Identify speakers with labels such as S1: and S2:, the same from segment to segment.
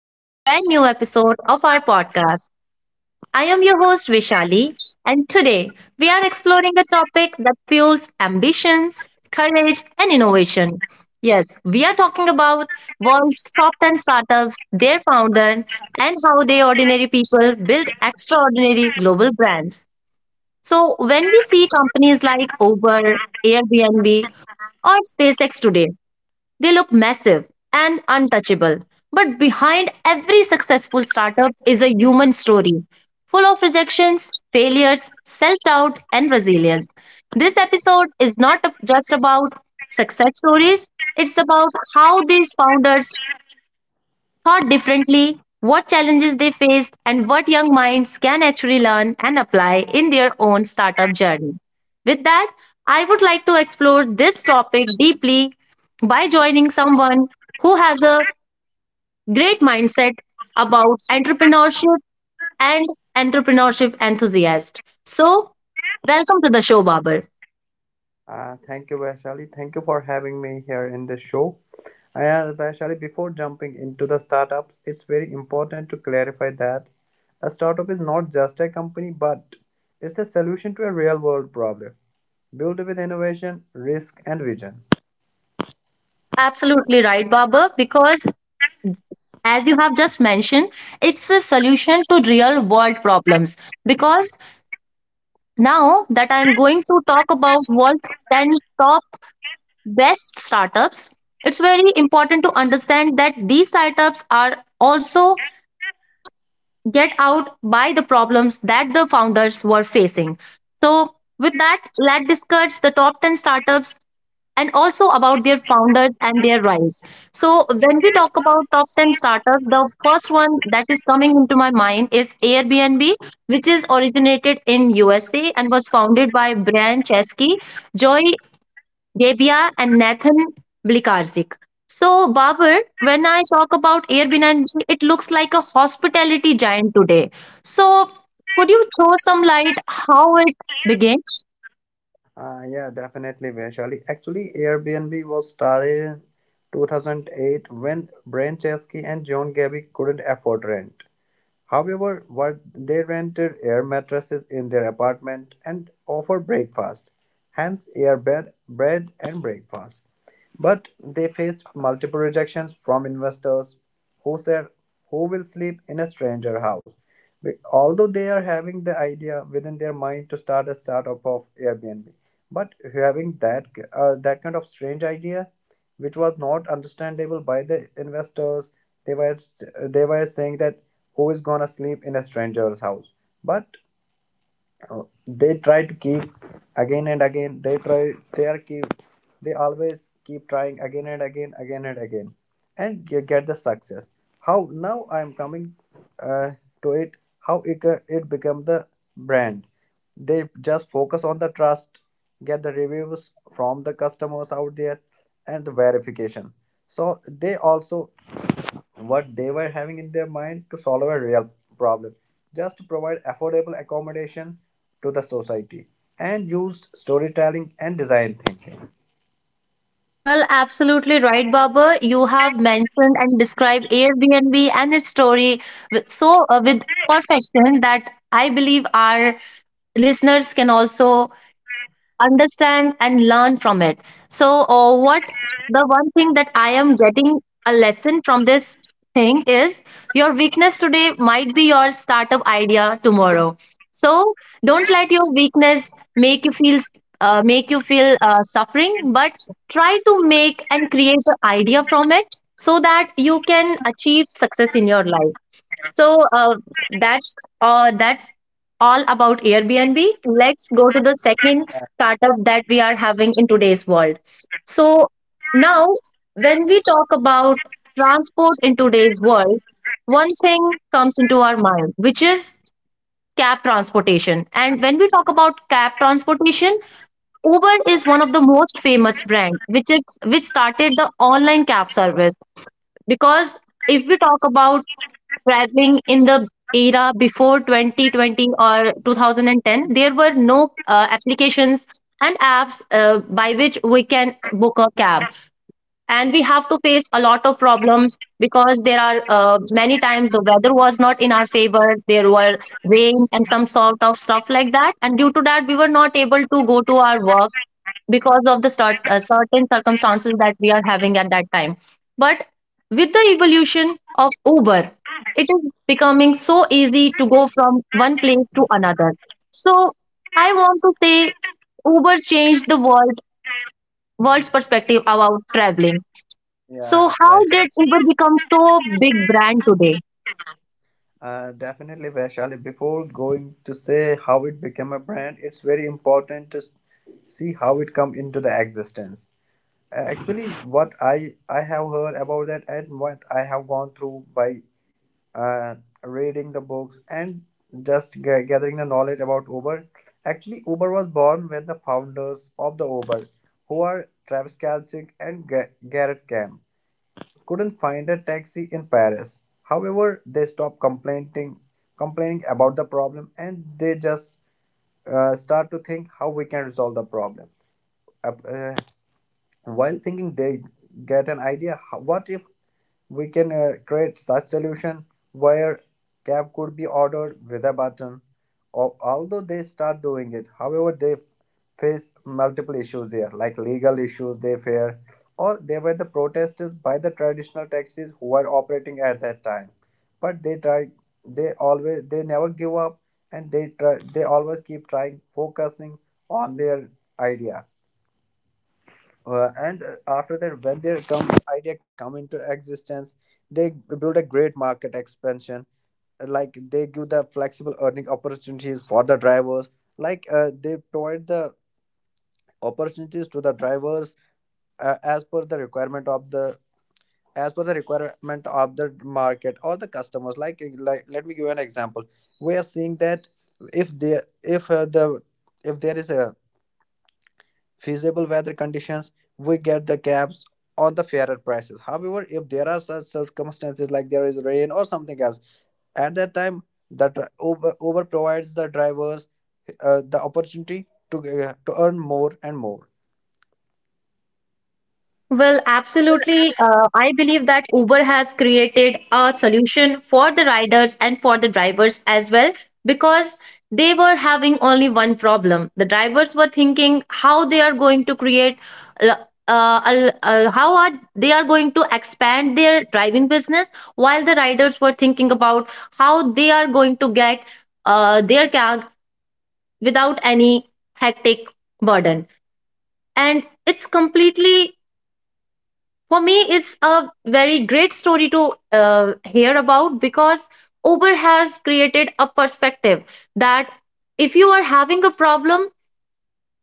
S1: to a brand new episode of our podcast. I am your host Vishali, and today we are exploring a topic that fuels ambitions, courage, and innovation. Yes, we are talking about world's top 10 startups, their founder, and how they ordinary people build extraordinary global brands. So, when we see companies like Uber, Airbnb, or SpaceX today. They look massive and untouchable, but behind every successful startup is a human story full of rejections, failures, self doubt, and resilience. This episode is not just about success stories, it's about how these founders thought differently, what challenges they faced, and what young minds can actually learn and apply in their own startup journey. With that, I would like to explore this topic deeply by joining someone who has a great mindset about entrepreneurship and entrepreneurship enthusiast. So, welcome to the show, Babar.
S2: Thank you, Vaishali. Thank you for having me here in this show. Uh, Vaishali, before jumping into the startups, it's very important to clarify that a startup is not just a company, but it's a solution to a real world problem built with innovation, risk, and vision.
S1: Absolutely right, Babar, because as you have just mentioned, it's a solution to real world problems because now that I'm going to talk about world's 10 top best startups, it's very important to understand that these startups are also get out by the problems that the founders were facing. So with that, let's discuss the top 10 startups and also about their founders and their rise. So, when we talk about top 10 startups, the first one that is coming into my mind is Airbnb, which is originated in USA and was founded by Brian Chesky, Joy Debia, and Nathan Blikarczyk. So, Babar, when I talk about Airbnb, it looks like a hospitality giant today. So, could you throw some light how it began?
S2: Yeah, definitely, Vaishali. Actually, Airbnb was started in 2008 when Brian Chesky and John Gabby couldn't afford rent. However, what they rented air mattresses in their apartment and offered breakfast, hence air bed, bread and breakfast. But they faced multiple rejections from investors who said, "Who will sleep in a stranger house?" Although they are having the idea within their mind to start a startup of Airbnb, but having that kind of strange idea, which was not understandable by the investors, they were saying that who is gonna sleep in a stranger's house? But they try to keep again and again. They try. They are keep. They always keep trying again and again, and you get the success. How now I am coming uh, to it. How it become the brand. They just focus on the trust, get the reviews from the customers out there, and the verification. So they also what they were having in their mind to solve a real problem, just to provide affordable accommodation to the society, and used storytelling and design thinking.
S1: Well, absolutely right, Baba. You have mentioned and described Airbnb and its story with with perfection that I believe our listeners can also understand and learn from it, so what the one thing that I am getting a lesson from this thing is your weakness today might be your startup idea tomorrow. So don't let your weakness make you feel suffering, but try to make and create an idea from it so that you can achieve success in your life. So that's that's all about Airbnb. Let's go to the second startup that we are having in today's world. So now, when we talk about transport in today's world, one thing comes into our mind, which is cab transportation. And when we talk about cab transportation, Uber is one of the most famous brand, which is which started the online cab service. Because if we talk about traveling in the era before 2020 or 2010, there were no applications and apps by which we can book a cab, and we have to face a lot of problems because there are many times the weather was not in our favor. There were rain and some sort of stuff like that, and due to that we were not able to go to our work because of the certain circumstances that we are having at that time. But with the evolution of Uber, it is becoming so easy to go from one place to another. So I want to say Uber changed the world's perspective about traveling. So
S2: Yeah,
S1: how did
S2: Vaishali.
S1: Uber become so big brand today?
S2: Definitely, Vaishali. Before going to say how it became a brand, it's very important to see how it come into the existence. Actually, what I have heard about that and what I have gone through by uh, reading the books and just gathering the knowledge about Uber. Actually, Uber was born when the founders of the Uber, who are Travis Kalsick and Garrett Camp couldn't find a taxi in Paris. However, they stopped complaining about the problem, and they just start to think how we can resolve the problem. Uh, uh, while thinking, they get an idea. What if we can create such solution where cab could be ordered with a button? Or although they start doing it, however, they face multiple issues there, like legal issues they fear, or they were the protesters by the traditional taxis who were operating at that time. But they try, they always, they never give up, and they try, they always keep trying, focusing on their idea. And after that, when idea come into existence, they build a great market expansion. Like they give the flexible earning opportunities for the drivers. Like they provide the opportunities to the drivers as per the requirement of the as per the requirement of the market or the customers, like like let me give you an example. We are seeing that if there if the if there is a feasible weather conditions, we get the cabs on the fairer prices. However, if there are such circumstances like there is rain or something else, at that time the Uber provides the drivers the opportunity to earn more and more.
S1: Well, absolutely. I believe that Uber has created a solution for the riders and for the drivers as well, because they were having only one problem. The drivers were thinking how they are going to create, uh, how are they are going to expand their driving business, while the riders were thinking about how they are going to get their cab without any hectic burden. And it's completely, for me, it's a very great story to hear about, because Uber has created a perspective that if you are having a problem,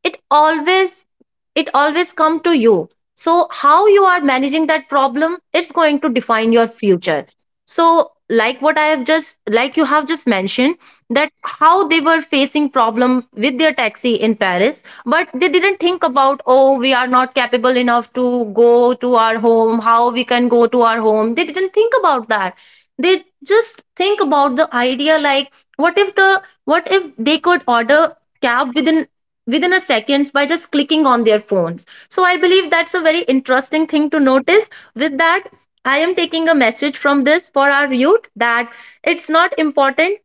S1: it always it always come to you. So how you are managing that problem, it's going to define your future. So like what I have just, like you have just mentioned, that how they were facing problem with their taxi in Paris, but they didn't think about, oh, we are not capable enough to go to our home, how we can go to our home. They didn't think about that. They just think about the idea, like what if the what if they could order cab within a seconds by just clicking on their phones. So I believe that's a very interesting thing to notice. With that, I am taking a message from this for our youth that it's not important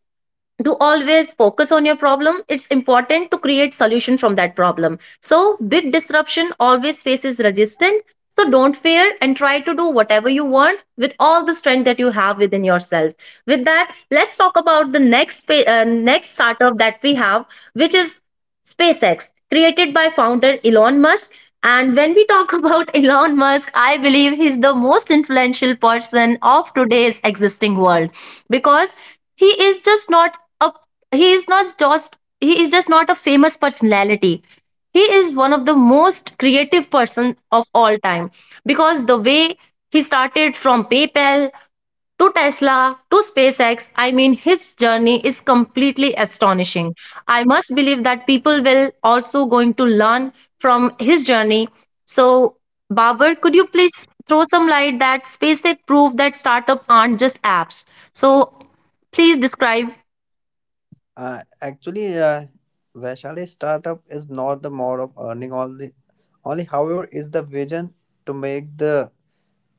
S1: to always focus on your problem, it's important to create solution from that problem. So big disruption always faces resistance, so don't fear and try to do whatever you want with all the strength that you have within yourself. With that, let's talk about the next startup that we have, which is SpaceX, created by founder Elon Musk. And when we talk about Elon Musk, I believe he's the most influential person of today's existing world, because he is just not a he is just not a famous personality. He is one of the most creative person of all time, because the way he started from PayPal to Tesla to SpaceX, I mean, his journey is completely astonishing. I must believe that people will also going to learn from his journey. So, Babar, could you please throw some light that SpaceX proved that startup aren't just apps? So please describe.
S2: Actually, Vaishali, startup is not the mode of earning only, only, however is the vision to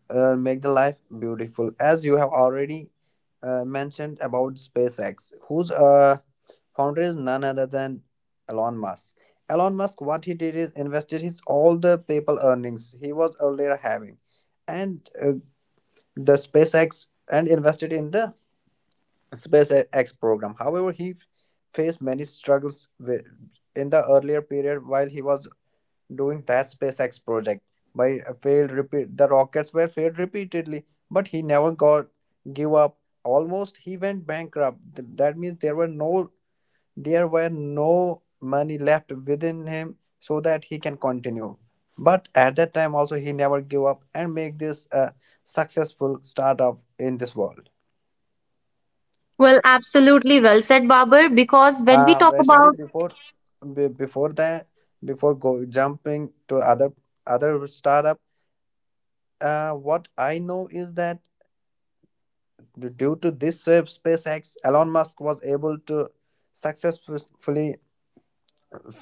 S2: make the life beautiful. As you have already mentioned about SpaceX, whose founder is none other than Elon Musk. Elon Musk, what he did is invested his all the PayPal earnings he was earlier having, and uh, the SpaceX and invested in the SpaceX program. However, he faced many struggles in the earlier period while he was doing that SpaceX project. By failed repeat, the rockets were failed repeatedly, but he never got give up. Almost he went bankrupt. That means there were no money left within him so that he can continue. But at that time also he never give up and make this a successful startup in this world.
S1: Well, absolutely well said, Babar, because when we talk about,
S2: Vaishali, before be, before that, before go jumping to other other startup, what I know is that due to this SpaceX, Elon Musk was able to successfully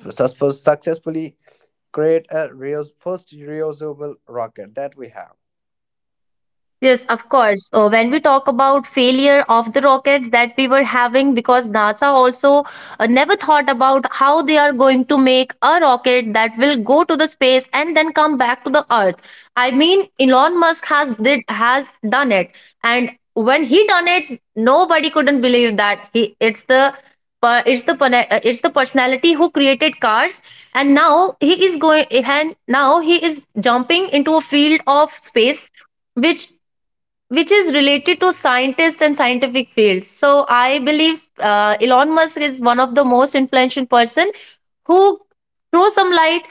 S2: successfully create a first reusable rocket that we have.
S1: yes, of course. When we talk about failure of the rockets that we were having, because NASA also never thought about how they are going to make a rocket that will go to the space and then come back to the Earth. I mean, Elon Musk has done it, and when he done it, nobody couldn't believe that he it's the it's the personality who created cars, and now he is jumping into a field of space, which which is related to scientists and scientific fields. So I believe Elon Musk is one of the most influential person who throw some light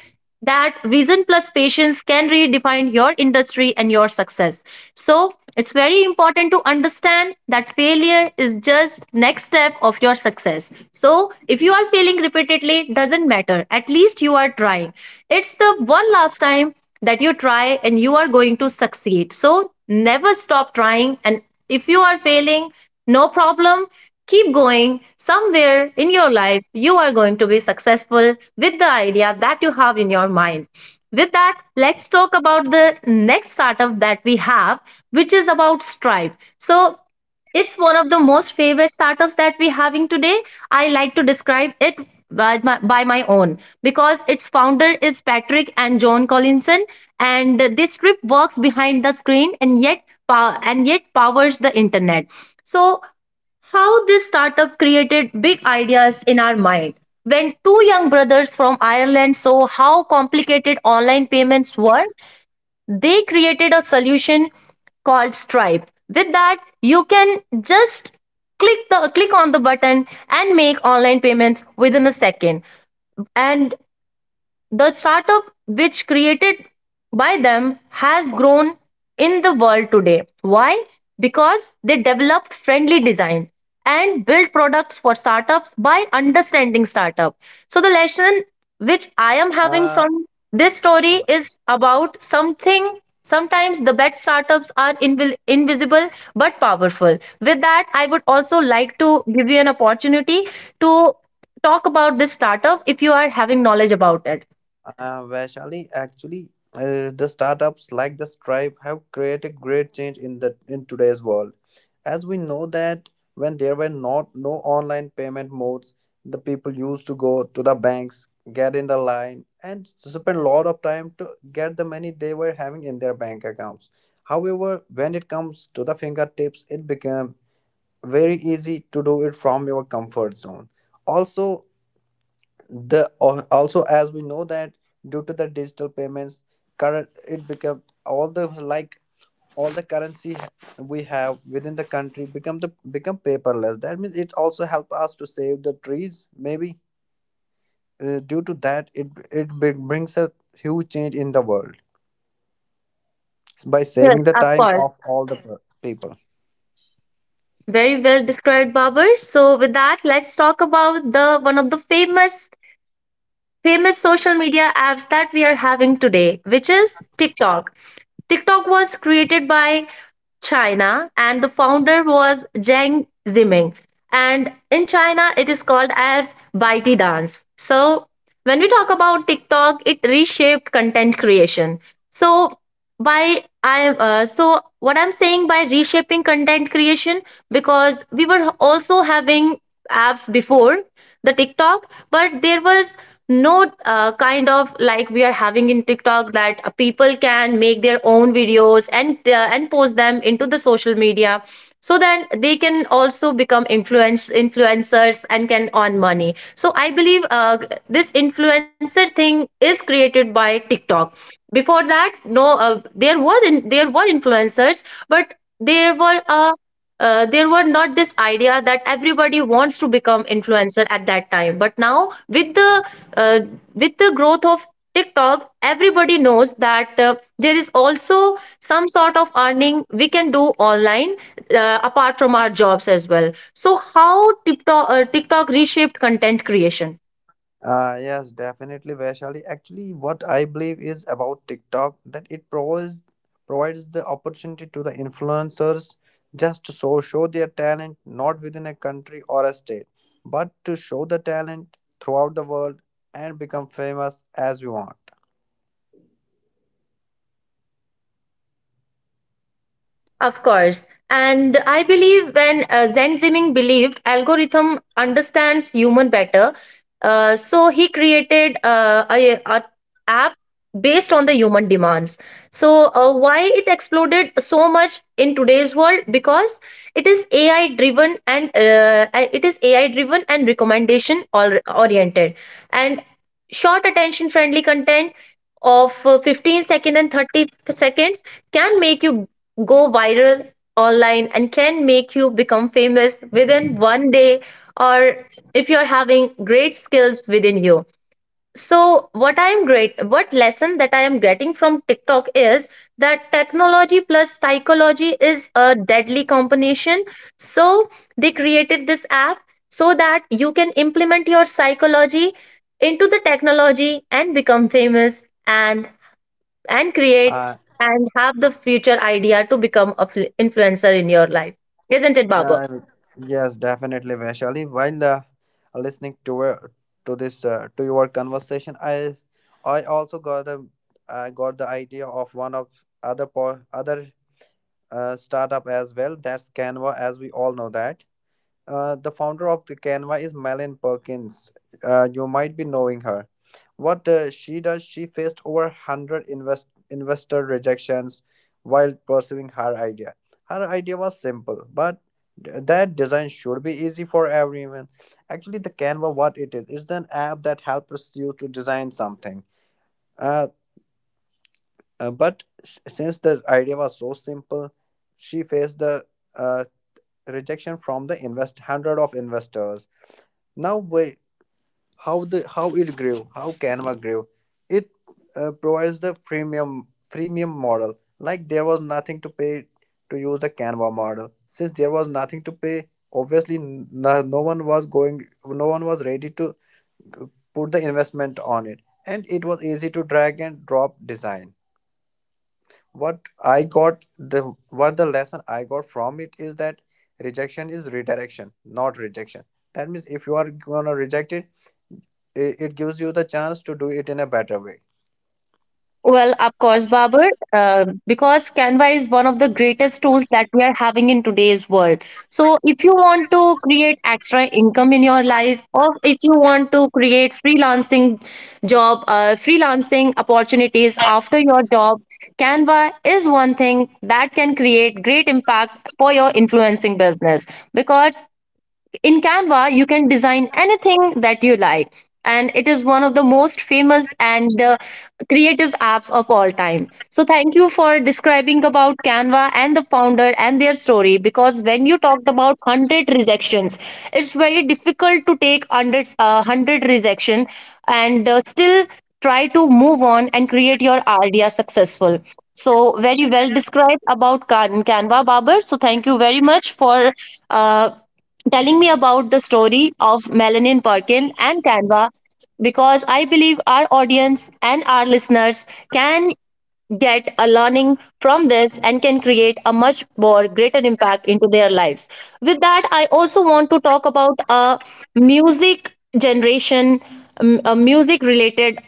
S1: that vision plus patience can redefine your industry and your success. So it's very important to understand that failure is just next step of your success. So if you are failing repeatedly, doesn't matter. At least you are trying. It's the one last time that you try and you are going to succeed. So never stop trying. And if you are failing, no problem. Keep going. Somewhere in your life, you are going to be successful with the idea that you have in your mind. With that, let's talk about the next startup that we have, which is about Stripe. So it's one of the most favorite startups that we're having today. I like to describe it by my own, because its founder is Patrick and John Collinson, and this script works behind the screen and yet powers the internet. So, how this startup created big ideas in our mind. When two young brothers from Ireland saw how complicated online payments were, they created a solution called Stripe. With that, you can just click on the button and make online payments within a second. And the startup which created by them has grown in the world today. Why? Because they developed friendly design and built products for startups by understanding startup. So the lesson which I am having
S2: Uh,
S1: from this story is about something sometimes the best startups are invisible but powerful. With that, I would also like to give you an opportunity to talk about this startup if you are having knowledge about it.
S2: Vaishali, actually, the startups like the Stripe have created great change in the in today's world. As we know that when there were not no online payment modes, the people used to go to the banks, get in the line, and spend a lot of time to get the money they were having in their bank accounts. However, when it comes to the fingertips, it became very easy to do it from your comfort zone. Also, the also, as we know that due to the digital payments current it become all the like all the currency we have within the country become the become paperless. That means it also help us to save the trees maybe due to that it brings a huge change in the world by
S1: Yes,
S2: saving the
S1: of
S2: time
S1: course.
S2: of all the people.
S1: Very well described, Babar. So with that, let's talk about the one of the famous social media apps that we are having today, which is TikTok. TikTok was created by China, and the founder was Zhang Ziming. And in China, it is called as ByteDance. So when we talk about TikTok, it reshaped content creation. So so what I'm saying by reshaping content creation, because we were also having apps before the TikTok, but there was no kind of like we are having in tiktok, that people can make their own videos and and post them into the social media, so then they can also become influencers and can earn money. So I believe this influencer thing is created by tiktok. Before that, no there there were influencers, but there were a there were not this idea that everybody wants to become influencer at that time, but now uh, with the growth of tiktok, everybody knows that there is also some sort of earning we can do online, apart from our jobs as well. So how TikTok reshaped content creation?
S2: Yes, definitely, Vaishali. Actually, what I believe is about TikTok that it provides the opportunity to the influencers just to show their talent not within a country or a state, but to show the talent throughout the world and become famous as we want.
S1: Of course. And I believe when Zen Ziming believed algorithm understands human better, so he created a app based on the human demands. So why it exploded so much in today's world? Because it is AI driven and it is AI driven and recommendation or oriented, and short attention friendly content of 15 second and 30 seconds can make you go viral online and can make you become famous within one day, or if you're having great skills within you. So what lesson that I am getting from tiktok is that technology plus psychology is a deadly combination. So they created this app so that you can implement your psychology into the technology and become famous, and create
S2: Uh,
S1: and have the future idea to become a influencer in your life. Isn't it, Babar?
S2: Uh, yes, definitely, Vaishali. While listening to this to your conversation, I also got the I got the idea of one of other startup as well. That's Canva, as we all know that. The founder of the Canva is Melanie Perkins. You might be knowing her. What she does, she faced over 100 investor rejections while pursuing her idea. Her idea was simple, but that design should be easy for everyone. Actually, the Canva, what it is, it's an app that helps you to design something. Uh, but since the idea was so simple, she faced the uh, rejection from the invest 100 of investors. Now, wait, how the how it grew, how Canva grew, it provides the premium freemium model. Like there was nothing to pay to use the Canva model. Since there was nothing to pay, obviously no one was going, no one was ready to uh, put the investment on it, and it was easy to drag and drop design. What I got the what the lesson I got from it is that rejection is redirection, not rejection. That means if you are gonna reject it, it gives you the chance to do it in a better way.
S1: Well, of course, Babar, because Canva is one of the greatest tools that we are having in today's world. So if you want to create extra income in your life, or if you want to create freelancing job, freelancing opportunities after your job, Canva is one thing that can create great impact for your influencing business. Because in Canva, you can design anything that you like, and it is one of the most famous and creative apps of all time. So thank you for describing about Canva and the founder and their story. Because when you talked about 100 rejections, it's very difficult to take hundred 100 rejection and still try to move on and create your idea successful. So very well described about Canva, Babar. So thank you very much for. Uh, telling me about the story of Melanie Perkin and Canva, because I believe our audience and our listeners can get a learning from this and can create a much more greater impact into their lives. With that, I also want to talk about a music generation, a music related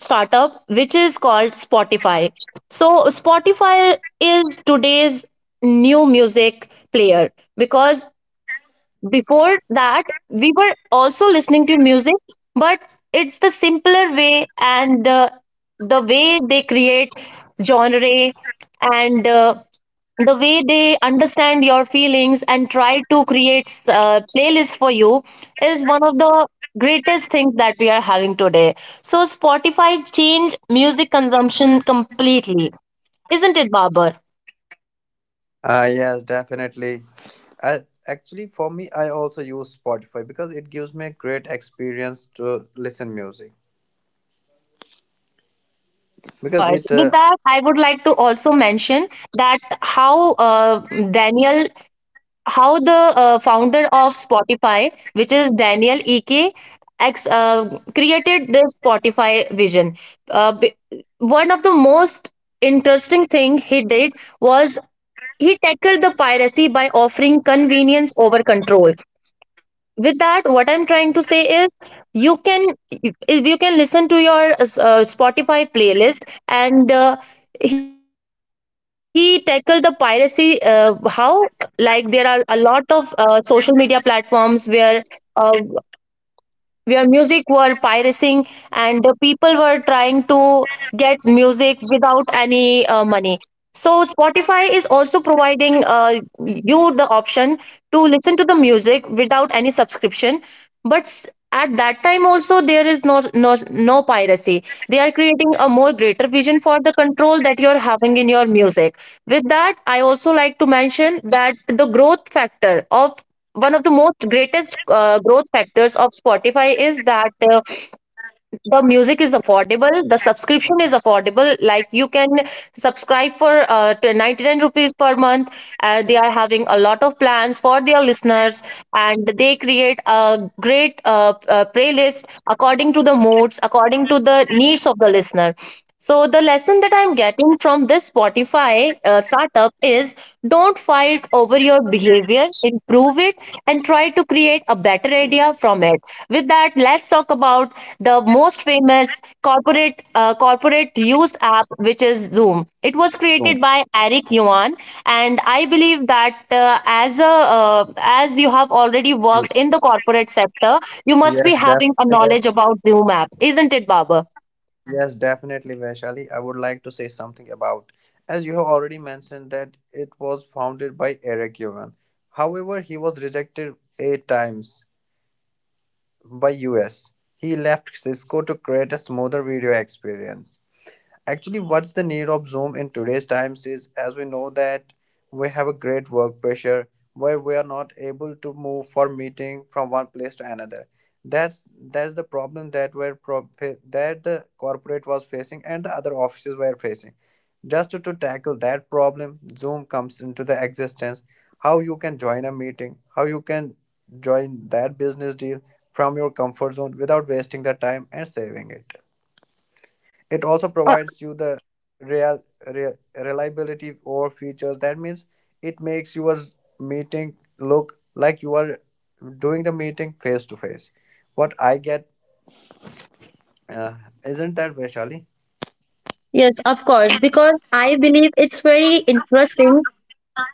S1: startup which is called Spotify. So Spotify is today's new music player, because before that we were also listening to music, but it's the simpler way, and the way they create genre, and the way they understand your feelings and try to create playlists for you is one of the greatest things that we are having today. So Spotify changed music consumption completely, isn't it, Babar?
S2: Ah, yes, definitely. I actually for me, I also use Spotify because it gives me a great experience to listen music
S1: Of
S2: because
S1: course.
S2: it
S1: With that, I would like to also mention that Daniel, how the founder of Spotify, which is Daniel Ek, created this Spotify vision. Uh, b- One of the most interesting thing he did was he tackled the piracy by offering convenience over control. With that, what I'm trying to say is, you can, if you can listen to your Spotify playlist, and he tackled the piracy. How, like, there are a lot of social media platforms uh, where music were pirating and the people were trying to get music without any money. So Spotify is also providing you the option to listen to the music without any subscription, but at that time also there is no no piracy. They are creating a more greater vision for the control that you're having in your music. With that, I also like to mention that the growth factor of one of the most greatest growth factors of Spotify is that the music is affordable, the subscription is affordable, like you can subscribe for 99 rupees per month. They are having a lot of plans for their listeners, and they create a great playlist according to the moods, according to the needs of the listener. So the lesson that I'm getting from this Spotify startup is, don't fight over your behavior, improve it and try to create a better idea from it. With that, let's talk about the most famous corporate corporate used app, which is Zoom. It was
S2: no.
S1: created by Eric Yuan, and I believe that as you have already worked in the corporate sector, you must be
S2: Yes,
S1: having a
S2: definitely.
S1: knowledge about Zoom app, isn't it, Baba?
S2: Yes, definitely, Vaishali. I would like to say something about, as you have already mentioned, that it was founded by Eric Yuan. However, he was rejected eight times by US. He left Cisco to create a smoother video experience. Actually, what's the need of Zoom in today's times is, as we know that we have a great work pressure where we are not able to move for meeting from one place to another. That's the problem that we're that the corporate was facing and the other offices were facing. Just to tackle that problem, Zoom comes into the existence. How you can join a meeting, how you can join that business deal from your comfort zone without wasting the time and saving it. It also
S1: Uh,
S2: provides you the reliability or features. That means it makes your meeting look like you are doing the meeting face to face. What I get uh, isn't that Vaishali?
S1: Yes, of course, because I believe it's very interesting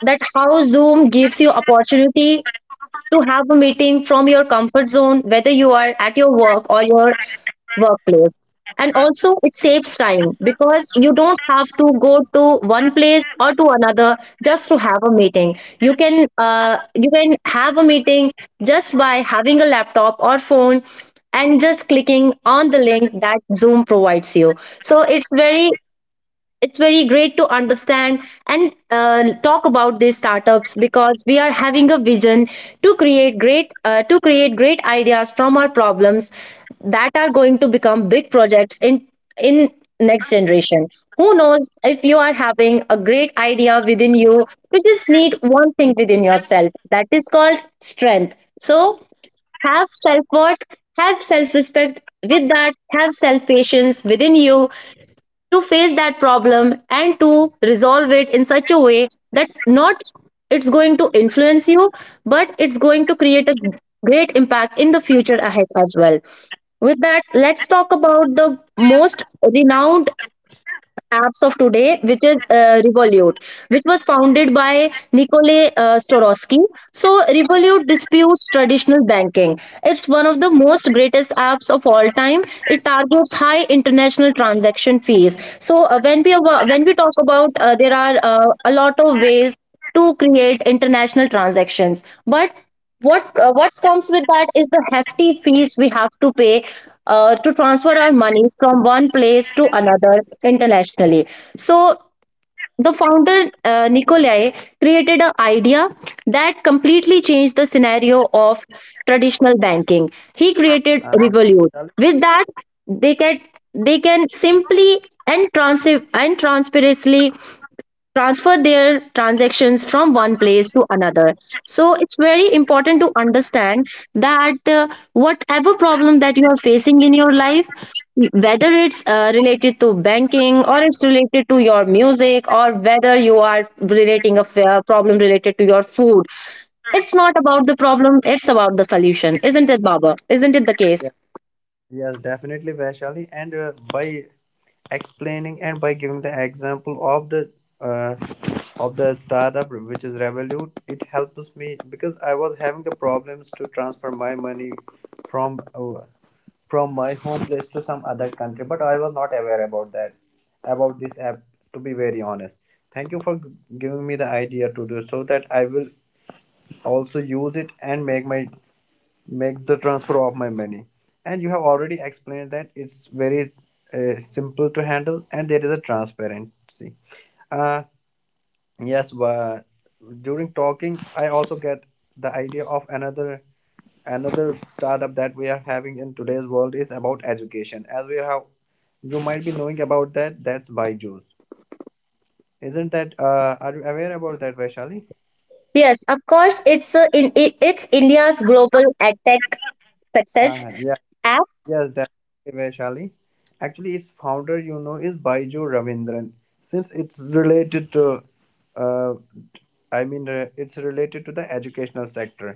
S1: that how Zoom gives you opportunity to have a meeting from your comfort zone, whether you are at your work or your workplace. And also it saves time, because you don't have to go to one place or to another just to have a meeting. You can you can have a meeting just by having a laptop or phone and just clicking on the link that Zoom provides you. So it's very, it's very great to understand and talk about these startups, because we are having a vision to create great ideas from our problems that are going to become big projects in next generation. Who knows, if you are having a great idea within you, you just need one thing within yourself, that is called strength. So have self worth, have self respect, with that have self patience within you to face that problem and to resolve it in such a way that, not it's going to influence you, but it's going to create a great impact in the future ahead as well. With that, let's talk about the most renowned apps of today, which is Revolut, which was founded by Nikolai Storosky. So Revolut disputes traditional banking. It's one of the most greatest apps of all time. It targets high international transaction fees. So, when we talk about, there are a lot of ways to create international transactions, but what comes with that is the hefty fees we have to pay to transfer our money from one place to another internationally. So the founder Nikolai created an idea that completely changed the scenario of traditional banking. He created
S2: Uh,
S1: Revolut.
S2: Vaishali?
S1: With that, they can, they can simply and transparently transfer their transactions from one place to another. So it's very important to understand that whatever problem that you are facing in your life, whether it's related to banking, or it's related to your music, or whether you are relating a problem related to your food, it's not about the problem, it's about the solution. Isn't it, Baba? Isn't it the
S2: Yes,
S1: case?
S2: yes, definitely, Vaishali. And by explaining and by giving the example uh, of the startup which is Revolut, it helps me because I was having the problems to transfer my money from uh, from my home place to some other country, but I was not aware about that, about this app, to be very honest. Thank you for giving me the idea to do so, that I will also use it and make my make the transfer of my money. And you have already explained that it's very simple to handle and there is a transparency. uh yes, but during talking I also get the idea of another another startup that we are having in today's world, is about education. As we have you might be knowing about that, that's Byju's. Isn't that are you aware about that, Vaishali?
S1: Yes, of course, it's a, in, it, it's India's global tech success.
S2: uh, yeah yes, definitely, Vaishali. Actually, its founder, you know, is Baiju Ravindran. Since it's related to uh, it's related to the educational sector,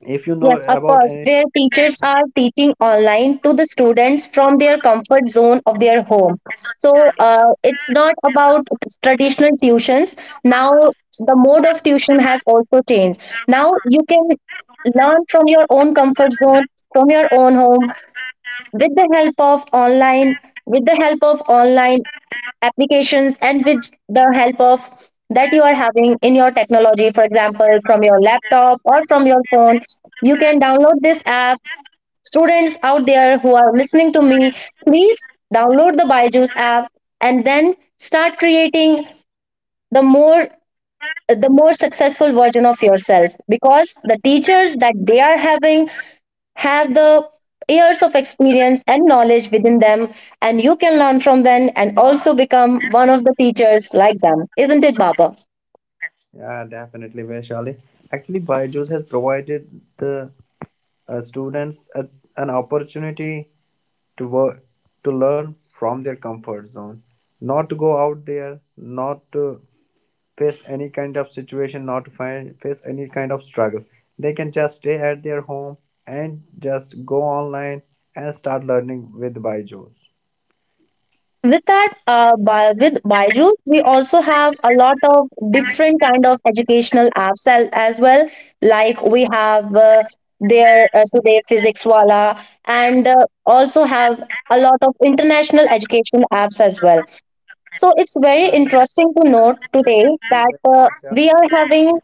S2: if you know
S1: Yes, of
S2: about
S1: course,
S2: any
S1: where teachers are teaching online to the students from their comfort zone of their home. So it's not about traditional tuitions. Now the mode of tuition has also changed. Now you can learn from your own comfort zone, from your own home, with the help of online, with the help of online applications, and with the help of that you are having in your technology. For example, from your laptop or from your phone, you can download this app. Students out there who are listening to me, please download the Byju's app, and then start creating the more, the more successful version of yourself, because the teachers that they are having have the years of experience and knowledge within them, and you can learn from them and also become one of the teachers like them. Isn't it, Baba?
S2: Yeah, definitely, Vaishali. Actually, Byju's has provided the students an opportunity to work to learn from their comfort zone, not to go out there, not to face any kind of situation, not to face any kind of struggle. They can just stay at their home and just go online and start learning with Byju's.
S1: With that, with Byju's, we also have a lot of different kind of educational apps as well. Like, we have their so their Physics Wala, and also have a lot of international educational apps as well. So it's very
S2: I know
S1: interesting to note today
S2: very
S1: that
S2: well,
S1: we are having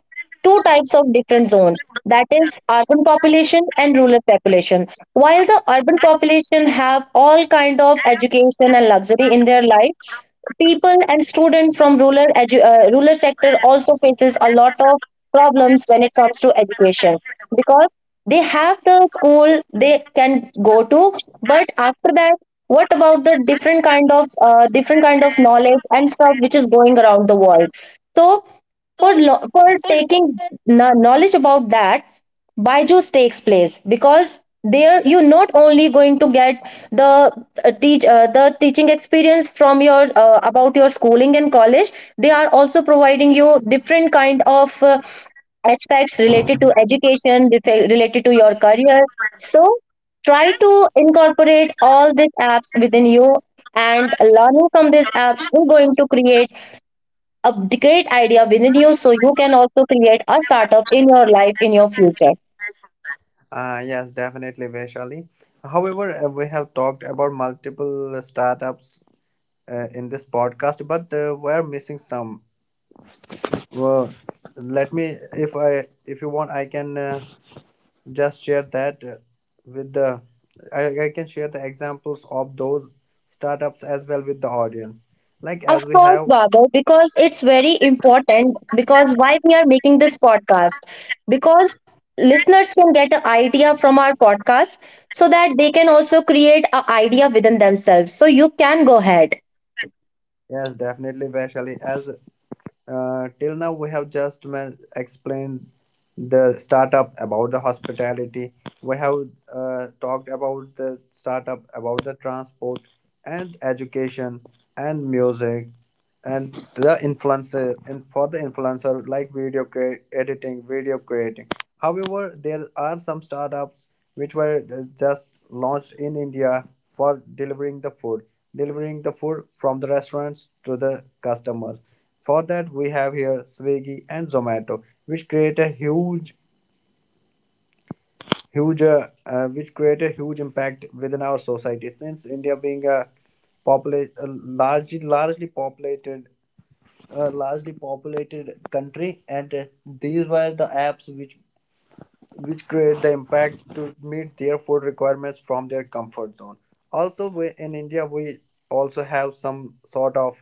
S1: two types of different zones, that is urban population
S2: Vishal.
S1: and rural population. While the urban population have all kind of education and luxury in their life, people and students from rural sector also faces a lot of problems when it comes to education, because they have the school they can go to, but after that, what about the different kind of knowledge and stuff which is going around the world? So for taking knowledge about that, Byju's takes place, because there you're not only going to get the teach the teaching experience from your about your schooling and college, they are also providing you different kind of aspects related to education, related to your career. So try to incorporate all these apps within you, and learning from these apps is going to create a great idea within you, so you can also create a startup in your life, in your future.
S2: Yes, definitely, Vaishali. However, we have talked about multiple startups in this podcast, but we're missing some. Well, let me if I if you want, I can just share that with the I can share the examples of those startups as well with the audience. Like
S1: Of
S2: as we
S1: course,
S2: have
S1: Baba, because it's very important. Because why we are making this podcast? Because listeners can get an idea from our podcast so that they can also create an idea within themselves. So you can go ahead.
S2: yes, definitely, Vaishali, as till now, we have just explained the startup about the hospitality. We have talked about the startup, about the transport, and education, and music, and the influencer. And for the influencer, like video editing, video creating. However, there are some startups which were just launched in India for delivering the food from the restaurants to the customers. For that, we have here Swiggy and Zomato, which create a huge, huge, which create a huge impact within our society. Since India being a largely populated, largely populated country, and these were the apps which create the impact to meet their food requirements from their comfort zone. Also, we, in India, we also have some sort of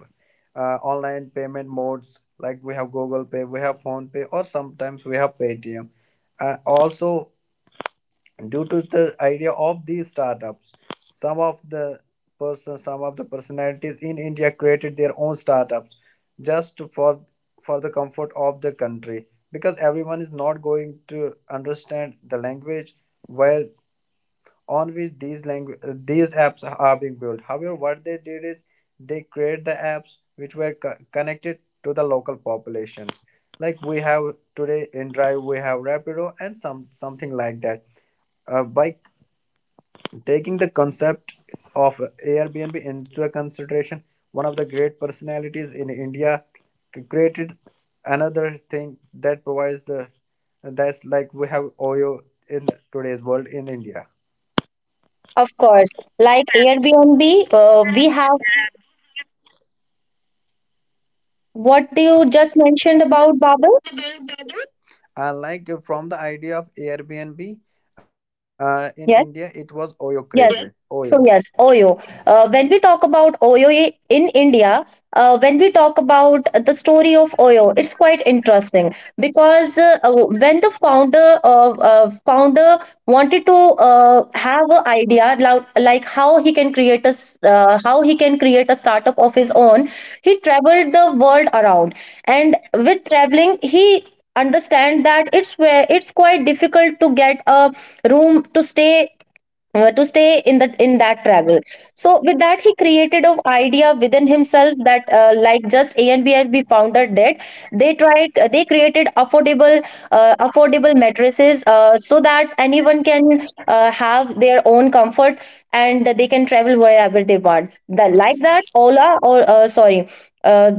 S2: online payment modes. Like we have Google Pay, we have Phone Pay, or sometimes we have Paytm. Also, due to the idea of these startups, some of the some of the personalities in India created their own startups just for the comfort of the country, because everyone is not going to understand the language where on which these language these apps are being built. However, what they did is they create the apps which were connected to the local populations. Like we have today in drive, we have Rapido and some something like that. By Taking the concept of Airbnb into consideration, one of the great personalities in India created another thing that provides the, that's like we have Oyo in today's world in India.
S1: Of course, like Airbnb, we have what you just mentioned about Baba.
S2: Like from the idea of Airbnb in India, it
S1: Yes.
S2: was Oyo created.
S1: Yes.
S2: Oyo.
S1: So yes, Oyo. When we talk about Oyo in India, when we talk about the story of Oyo, it's quite interesting because when the founder of founder wanted to have an idea like how he can create how he can create a startup of his own. He traveled the world around, and with traveling, he understand that it's quite difficult to get a room to stay, to stay in that travel. So with that, he created an idea within himself that, like just Airbnb founder did. They created affordable, mattresses, so that anyone can have their own comfort, and they can travel wherever they want like that Ola, or sorry. Uh,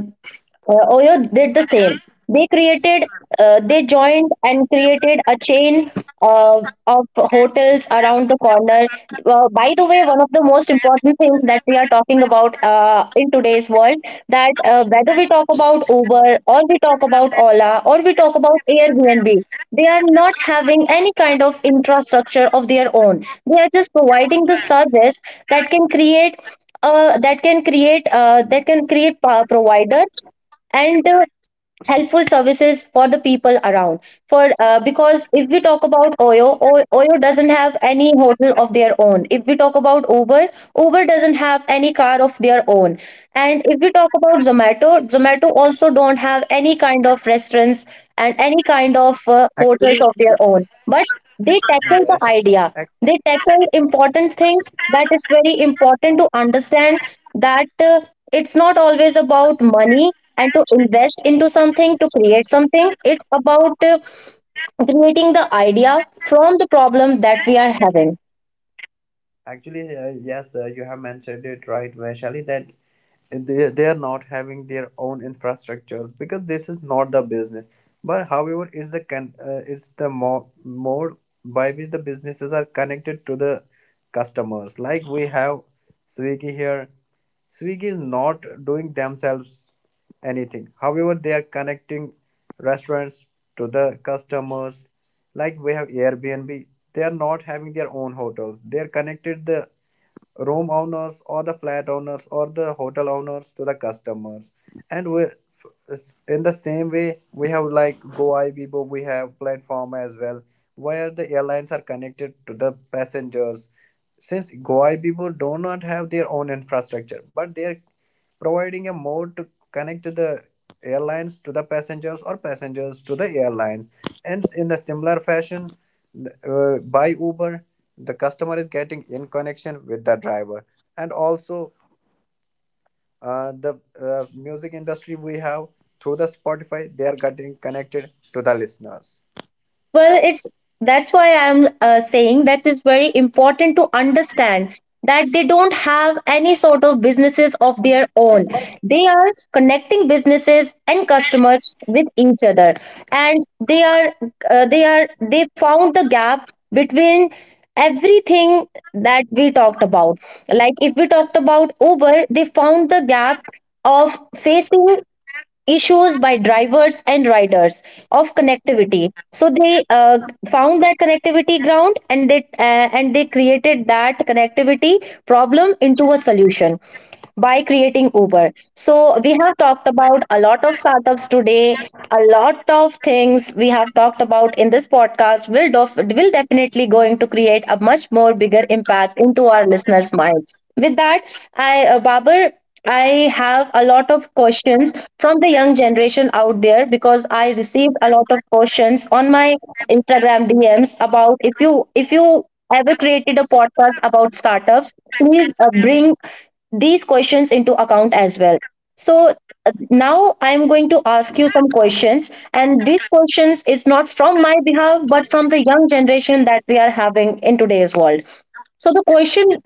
S1: Oyo did the same. They created, they joined and created a chain of hotels around the corner. By the way, one of the most important things that we are talking about in today's world, that whether we talk about Uber, or we talk about Ola, or we talk about Airbnb. They are not having any kind of infrastructure of their own. They are just providing the service that can create, that can create, provider and, helpful services for the people around. For Because if we talk about Oyo, Oyo doesn't have any hotel of their own. If we talk about Uber, Uber doesn't have any car of their own. And if we talk about Zomato, Zomato also don't have any kind of restaurants and any kind of
S2: Actually,
S1: hotels of their own, but they
S2: yes.
S1: tackle the
S2: Ac-
S1: idea. They tackle important things, that it's very important to understand that, it's not always about money and to invest into something to create something. It's about, creating the idea from the problem that we are having.
S2: actually, yes, you have mentioned it right, Vaishali, that they are not having their own infrastructures because this is not the business. But however, it's the it's the mode by which the businesses are connected to the customers. Like we have Swiggy here. Swiggy is not doing themselves anything, however they are connecting restaurants to the customers. Like we have Airbnb, they are not having their own hotels, they are connected the room owners or the flat owners or the hotel owners to the customers. And we, in the same way, we have like Go Ibibo, we have platform as well where the airlines are connected to the passengers, since Go Ibibo do not have their own infrastructure but their providing a mode to connect the airlines to the passengers or passengers to the airlines. And in the similar fashion, by Uber, the customer is getting in connection with the driver. And also, the music industry we have, through the Spotify, they are getting connected to the listeners.
S1: Well, it's that's why I'm, saying that it's very important to understand that they don't have any sort of businesses of their own. They are connecting businesses and customers with each other, and they found the gap between everything that we talked about. Like if we talked about Uber, they found the gap of facing issues by drivers and riders of connectivity, so they found that connectivity ground, and they created that connectivity problem into a solution by creating Uber. So we have talked about a lot of startups today, a lot of things we have talked about in this podcast will will definitely going to create a much more bigger impact into our listeners' minds. With that, I Babar, I have a lot of questions from the young generation out there, because I received a lot of questions on my Instagram DMs about, if you ever created a podcast about startups, please bring these questions into account as well. Now I am going to ask you some questions, and these questions is not from my behalf but from the young generation that we are having in today's world. so the question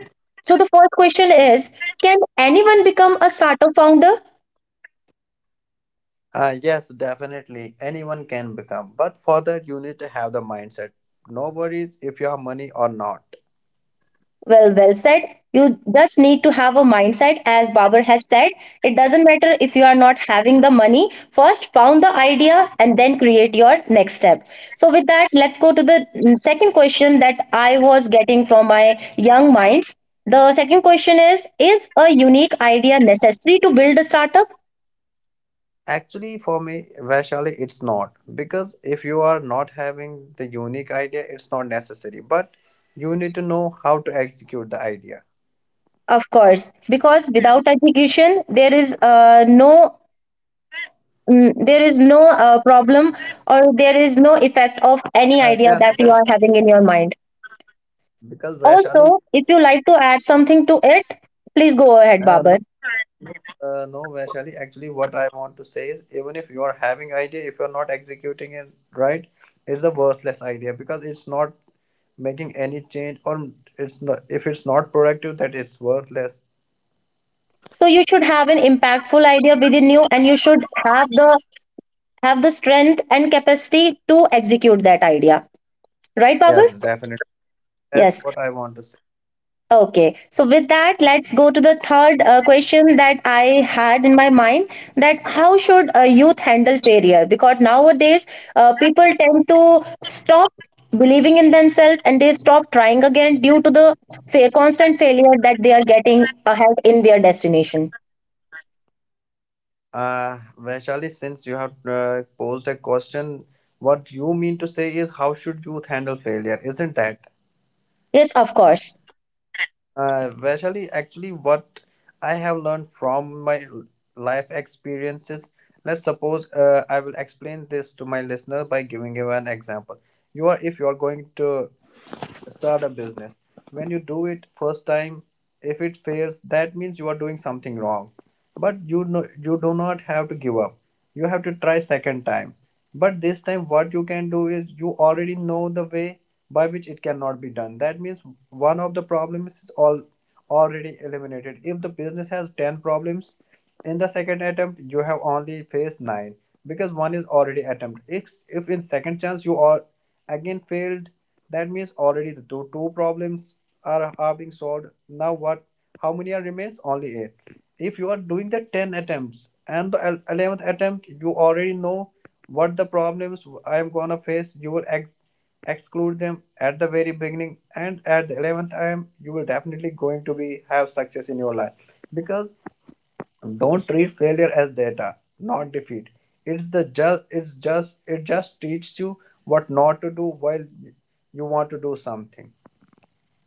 S1: so the first question is, can anyone become a startup founder?
S2: Yes, definitely. Anyone can become. But for that, you need to have the mindset. No worries if you have money or not.
S1: Well, well said. You just need to have a mindset, as Babar has said. It doesn't matter if you are not having the money. First, found the idea, and then create your next step. So, with that, let's go to the second question that I was getting from my young minds. The second question is a unique idea necessary to build a startup?
S2: Actually, for me, Vaishali, it's not. Because if you are not having the unique idea, it's not necessary. But you need to know how to execute the idea.
S1: Of course, because without education, there is no, problem, or there is no effect of any idea
S2: Yes,
S1: that you
S2: Vaishali,
S1: are having in your mind.
S2: because Vaishali.
S1: Also, if you like to add something to it, please go ahead,
S2: Uh, no,
S1: Babar.
S2: uh, no, Vaishali. Actually, what I want to say is, even if you are having idea, if you are not executing it right, it's a worthless idea because it's not making any change, or it's not if it's not productive, that it's worthless.
S1: So you should have an impactful idea within you, and you should have the strength and capacity to execute that idea, right, Babar?
S2: Yes, definitely. That's
S1: Yes.
S2: what I want to say.
S1: Okay, so with that, let's go to the third question that I had in my mind, that how should a youth handle failure? Because nowadays, people tend to stop believing in themselves, and they stop trying again due to the constant failure that they are getting ahead in their destination.
S2: Vaishali, since you have posed a question, what you mean to say is, how should youth handle failure? Isn't that?
S1: Yes, of course.
S2: Vaishali, actually, what I have learned from my life experiences, let's suppose I will explain this to my listener by giving you an example. If you are going to start a business, when you do it first time, if it fails, that means you are doing something wrong. But you know, you do not have to give up. You have to try second time. But this time, what you can do is you already know the way by which it cannot be done. That means one of the problems is all already eliminated. If the business has 10 problems, in the second attempt you have only faced 9 because one is already attempted. If in second chance you are again failed, that means already the two problems are being solved. Now what? How many are remains? Only 8. If you are doing the 10 attempts and the 11th attempt you already know what the problems I am gonna face, you will exclude them at the very beginning, and at the 11th time, you will definitely going to be have success in your life. Because don't treat failure as data, not defeat. It's the just it's just it just teaches you what not to do while you want to do something.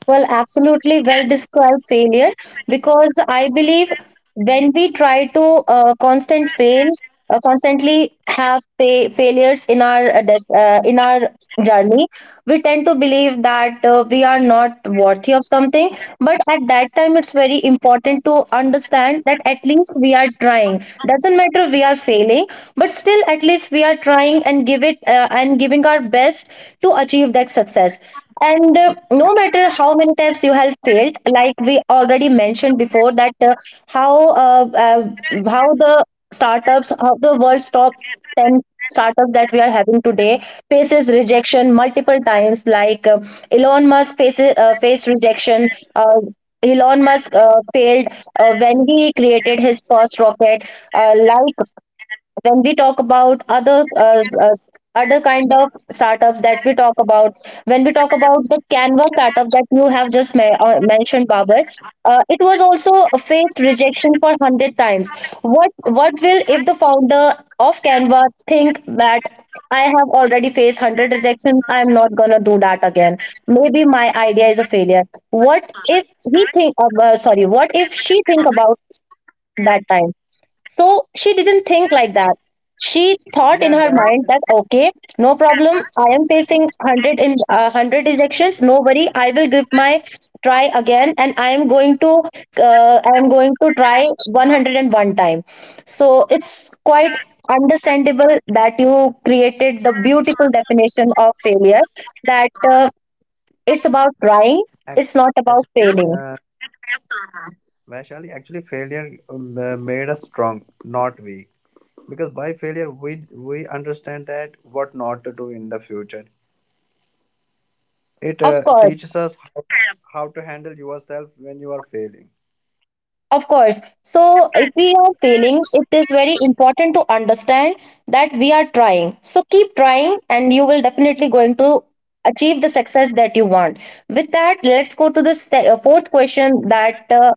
S1: Well, absolutely well described failure, because I believe when we try to, uh, constant fail, constantly have failures in our journey, we tend to believe that, we are not worthy of something. But at that time, it's very important to understand that at least we are trying. Doesn't matter we are failing, but still at least we are trying and give it and giving our best to achieve that success. And, no matter how many times you have failed, like we already mentioned before, that, how uh, uh, how how the world's top 10 startups that we are having today faces rejection multiple times. Like, Elon Musk faces faced rejection. Uh, Elon Musk failed when he created his first rocket. Like, when we talk about other, uh, other kind of startups that we talk about, when we talk about the Canva startup that you have just mentioned, Babar, it was also faced rejection for 100 times. What will if the founder of Canva think that, I have already faced 100 rejection, I'm not going to do that again, maybe my idea is a failure? What if he think, sorry, what if she think about that? So she didn't think like that. She thought in
S2: Yeah,
S1: her
S2: that's
S1: mind that, okay, no problem. I am facing one hundred in, 100 rejections. No worry, I will give my try again, and I am going to try 101 time. So it's quite understandable that you created the beautiful definition of failure, that, it's about trying.
S2: Ac-
S1: It's not about
S2: Actually,
S1: failing.
S2: Vaishali, actually, failure made us strong, not weak. Because by failure, we understand that what not to do in the future. It
S1: Of course.
S2: teaches us how to handle yourself when you are failing.
S1: Of course. So, if we are failing, it is very important to understand that we are trying. So, keep trying, and you will definitely going to achieve the success that you want. With that, let's go to the fourth question that,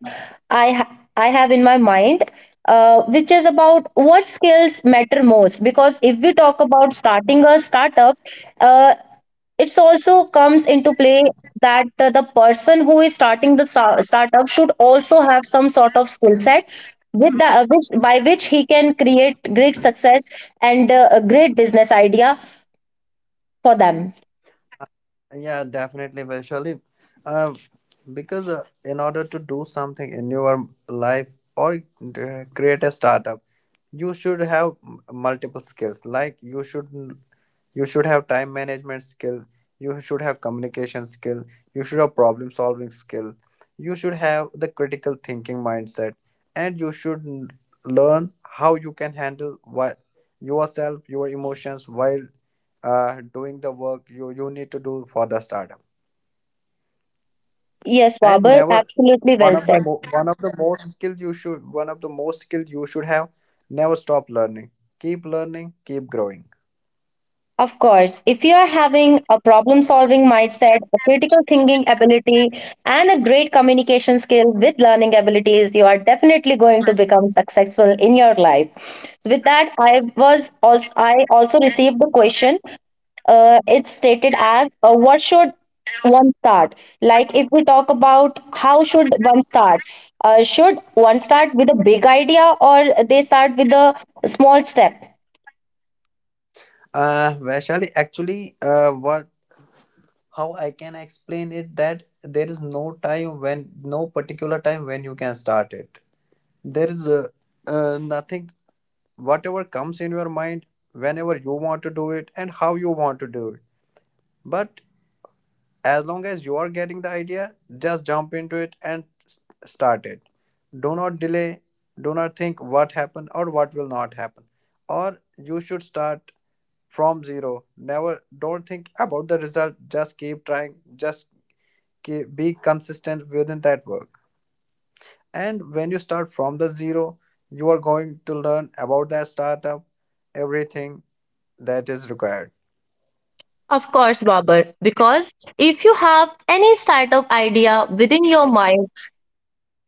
S1: I ha- I have in my mind, which is about what skills matter most. Because if we talk about starting a startup, uh, it's also comes into play that, the person who is starting the startup should also have some sort of skill set with the which, by which he can create great success and, a great business idea for them.
S2: Yeah, definitely, Vaishali. Uh, because in order to do something in your life or create a startup, you should have multiple skills. Like you should have time management skill. You should have communication skill. You should have problem solving skill. You should have the critical thinking mindset, and you should learn how you can handle what yourself, your emotions while doing the work you need to do for the startup.
S1: Yes,
S2: And
S1: Babar,
S2: never,
S1: absolutely
S2: one
S1: well
S2: of the
S1: said.
S2: mo- one of the most skill you should one of the most skill you should have, never stop learning. Keep learning, keep growing.
S1: Of course, if you are having a problem solving mindset, a critical thinking ability, and a great communication skill with learning abilities, you are definitely going to become successful in your life. So with that, I also received the question. It's stated as, what should one start? Like if we talk about how should one start? Should one start with a big idea, or they start with a small step?
S2: Uh, Vaishali, actually, what, how I can explain it, that there is no time, when no particular time when you can start it. There is nothing. Whatever comes in your mind, whenever you want to do it and how you want to do. But as long as you are getting the idea, just jump into it and start it. Do not delay, do not think what happened or what will not happen. Or you should start from zero. Never don't think about the result, just keep trying, just keep, be consistent within that work. And when you start from the zero, you are going to learn about that startup, everything that is required.
S1: Of course, Babar, because if you have any startup idea within your mind,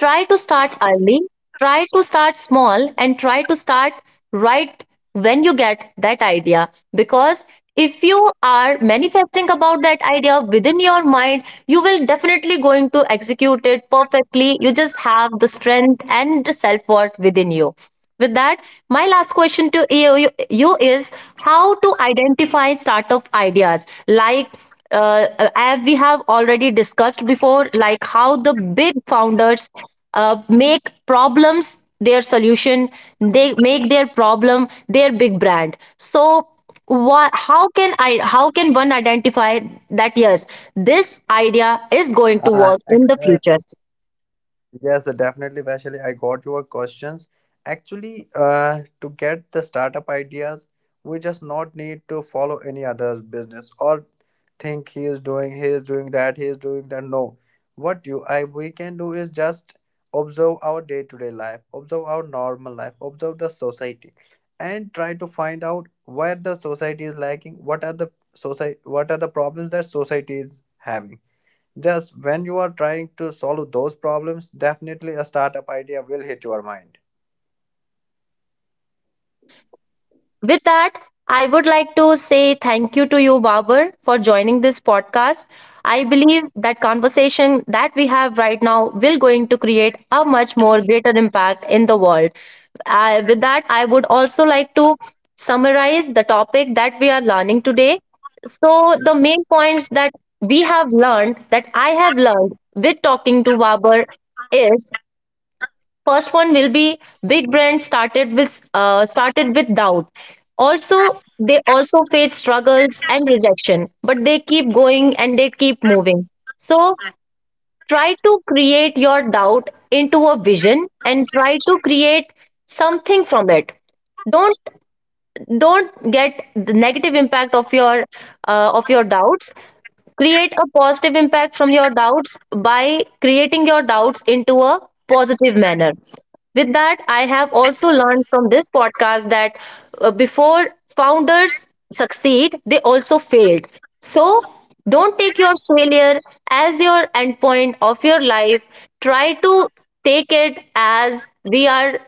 S1: try to start early, try to start small, and try to start right when you get that idea. Because if you are manifesting about that idea within your mind, you will definitely going to execute it perfectly. You just have the strength and the self-worth within you. With that, my last question to you is, how to identify startup ideas. Like, uh, as we have already discussed before, like how the big founders make problems their solution, they make their problem their big brand. So, how can I? How can one identify that, yes, this idea is going to
S2: Ah,
S1: work in the
S2: ex-
S1: future?
S2: Yes, definitely, Vaishali. I got your questions. Actually, to get the startup ideas, we just not need to follow any other business or think he is doing that, he is doing that. No, what you I we can do is just observe our day-to-day life, observe our normal life, observe the society, and try to find out where the society is lacking. What are the society? What are the problems that society is having? Just when you are trying to solve those problems, definitely a startup idea will hit your mind.
S1: With that, I would like to say thank you to you, Babar, for joining this podcast. I believe that conversation that we have right now will going to create a much more greater impact in the world. With that, I would also like to summarize the topic that we are learning today. So the main points that we have learned, that I have learned with talking to Babar, is, first one will be, big brands started with doubt. Also, they also face struggles and rejection, but they keep going and they keep moving. So try to create your doubt into a vision, and try to create something from it. Don't don't get the negative impact of your doubts. Create a positive impact from your doubts by creating your doubts into a positive manner. With that, I have also learned from this podcast that before founders succeed, they also failed. So don't take your failure as your endpoint of your life. Try to take it as we are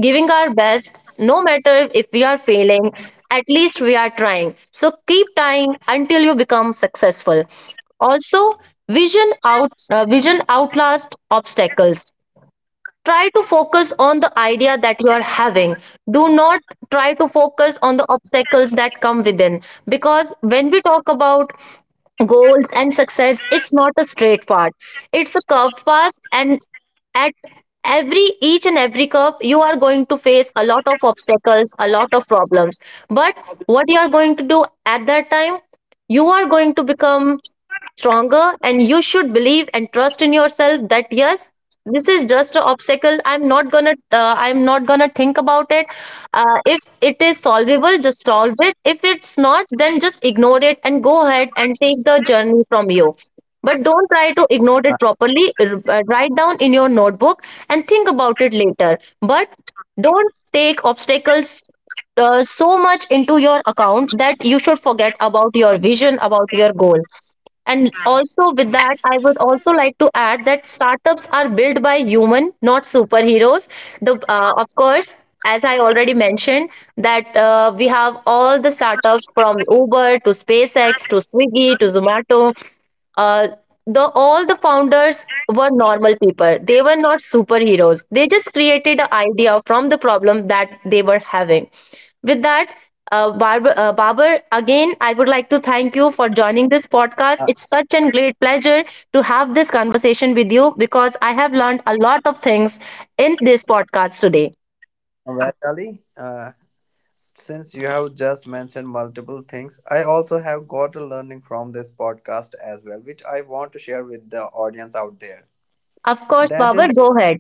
S1: giving our best. No matter if we are failing, at least we are trying. So keep trying until you become successful. Also, vision outlast obstacles. Try to focus on the idea that you are having. Do not try to focus on the obstacles that come within, because when we talk about goals and success, it's not a straight path, it's a curved path, and at every each and every curve you are going to face a lot of obstacles, a lot of problems. But what you are going to do at that time, you are going to become stronger, and you should believe and trust in yourself that yes, this is just an obstacle. I'm not gonna I'm not gonna think about it. Uh, if it is solvable, just solve it. If it's not, then just ignore it and go ahead and take the journey from you. But don't try to ignore it properly. Write down in your notebook and think about it later. But don't take obstacles so much into your account that you should forget about your vision, about your goal. And also with that, I would also like to add that startups are built by human, not superheroes. The Of course, as I already mentioned, that we have all the startups from Uber to SpaceX to Swiggy
S2: Uh,
S1: to Zomato. Uh, the all the founders were normal people. They were not superheroes. They just created an idea from the problem that they were having. With that, Barber, again, I would like to thank you for joining this podcast. It's such a great pleasure to have this conversation with you because I have learned a lot of things in this podcast today.
S2: Well, Ali, since you have just mentioned multiple things, I also have got a learning from this podcast as well, which I want to share with the audience out there.
S1: Of course,
S2: That
S1: Barber,
S2: is,
S1: go ahead.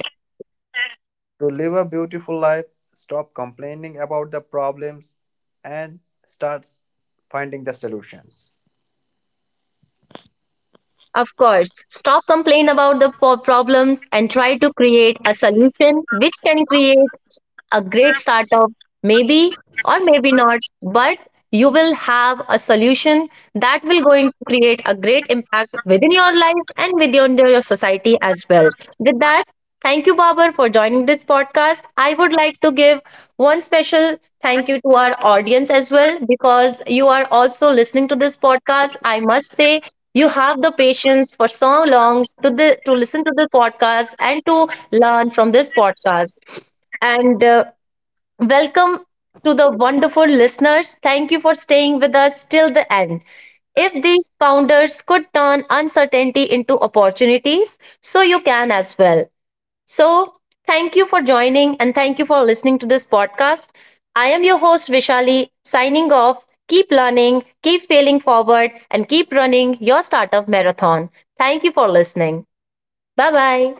S2: to live a beautiful life, stop complaining about the problems, and start finding the solutions.
S1: Of course, stop complaining about the problems and try to create a solution which can create a great startup, maybe or maybe not, but you will have a solution that will going to create a great impact within your life and within your society as well. With that, thank you, Babar, for joining this podcast. I would like to give one special thank you to our audience as well, because you are also listening to this podcast. I must say you have the patience for so long to the to listen to the podcast and to learn from this podcast. And welcome to the wonderful listeners. Thank you for staying with us till the end. If these founders could turn uncertainty into opportunities, so you can as well. So, thank you for joining and thank you for listening to this podcast. I am your host, Vishali, signing off. Keep learning, keep failing forward, and keep running your startup marathon. Thank you for listening. Bye bye.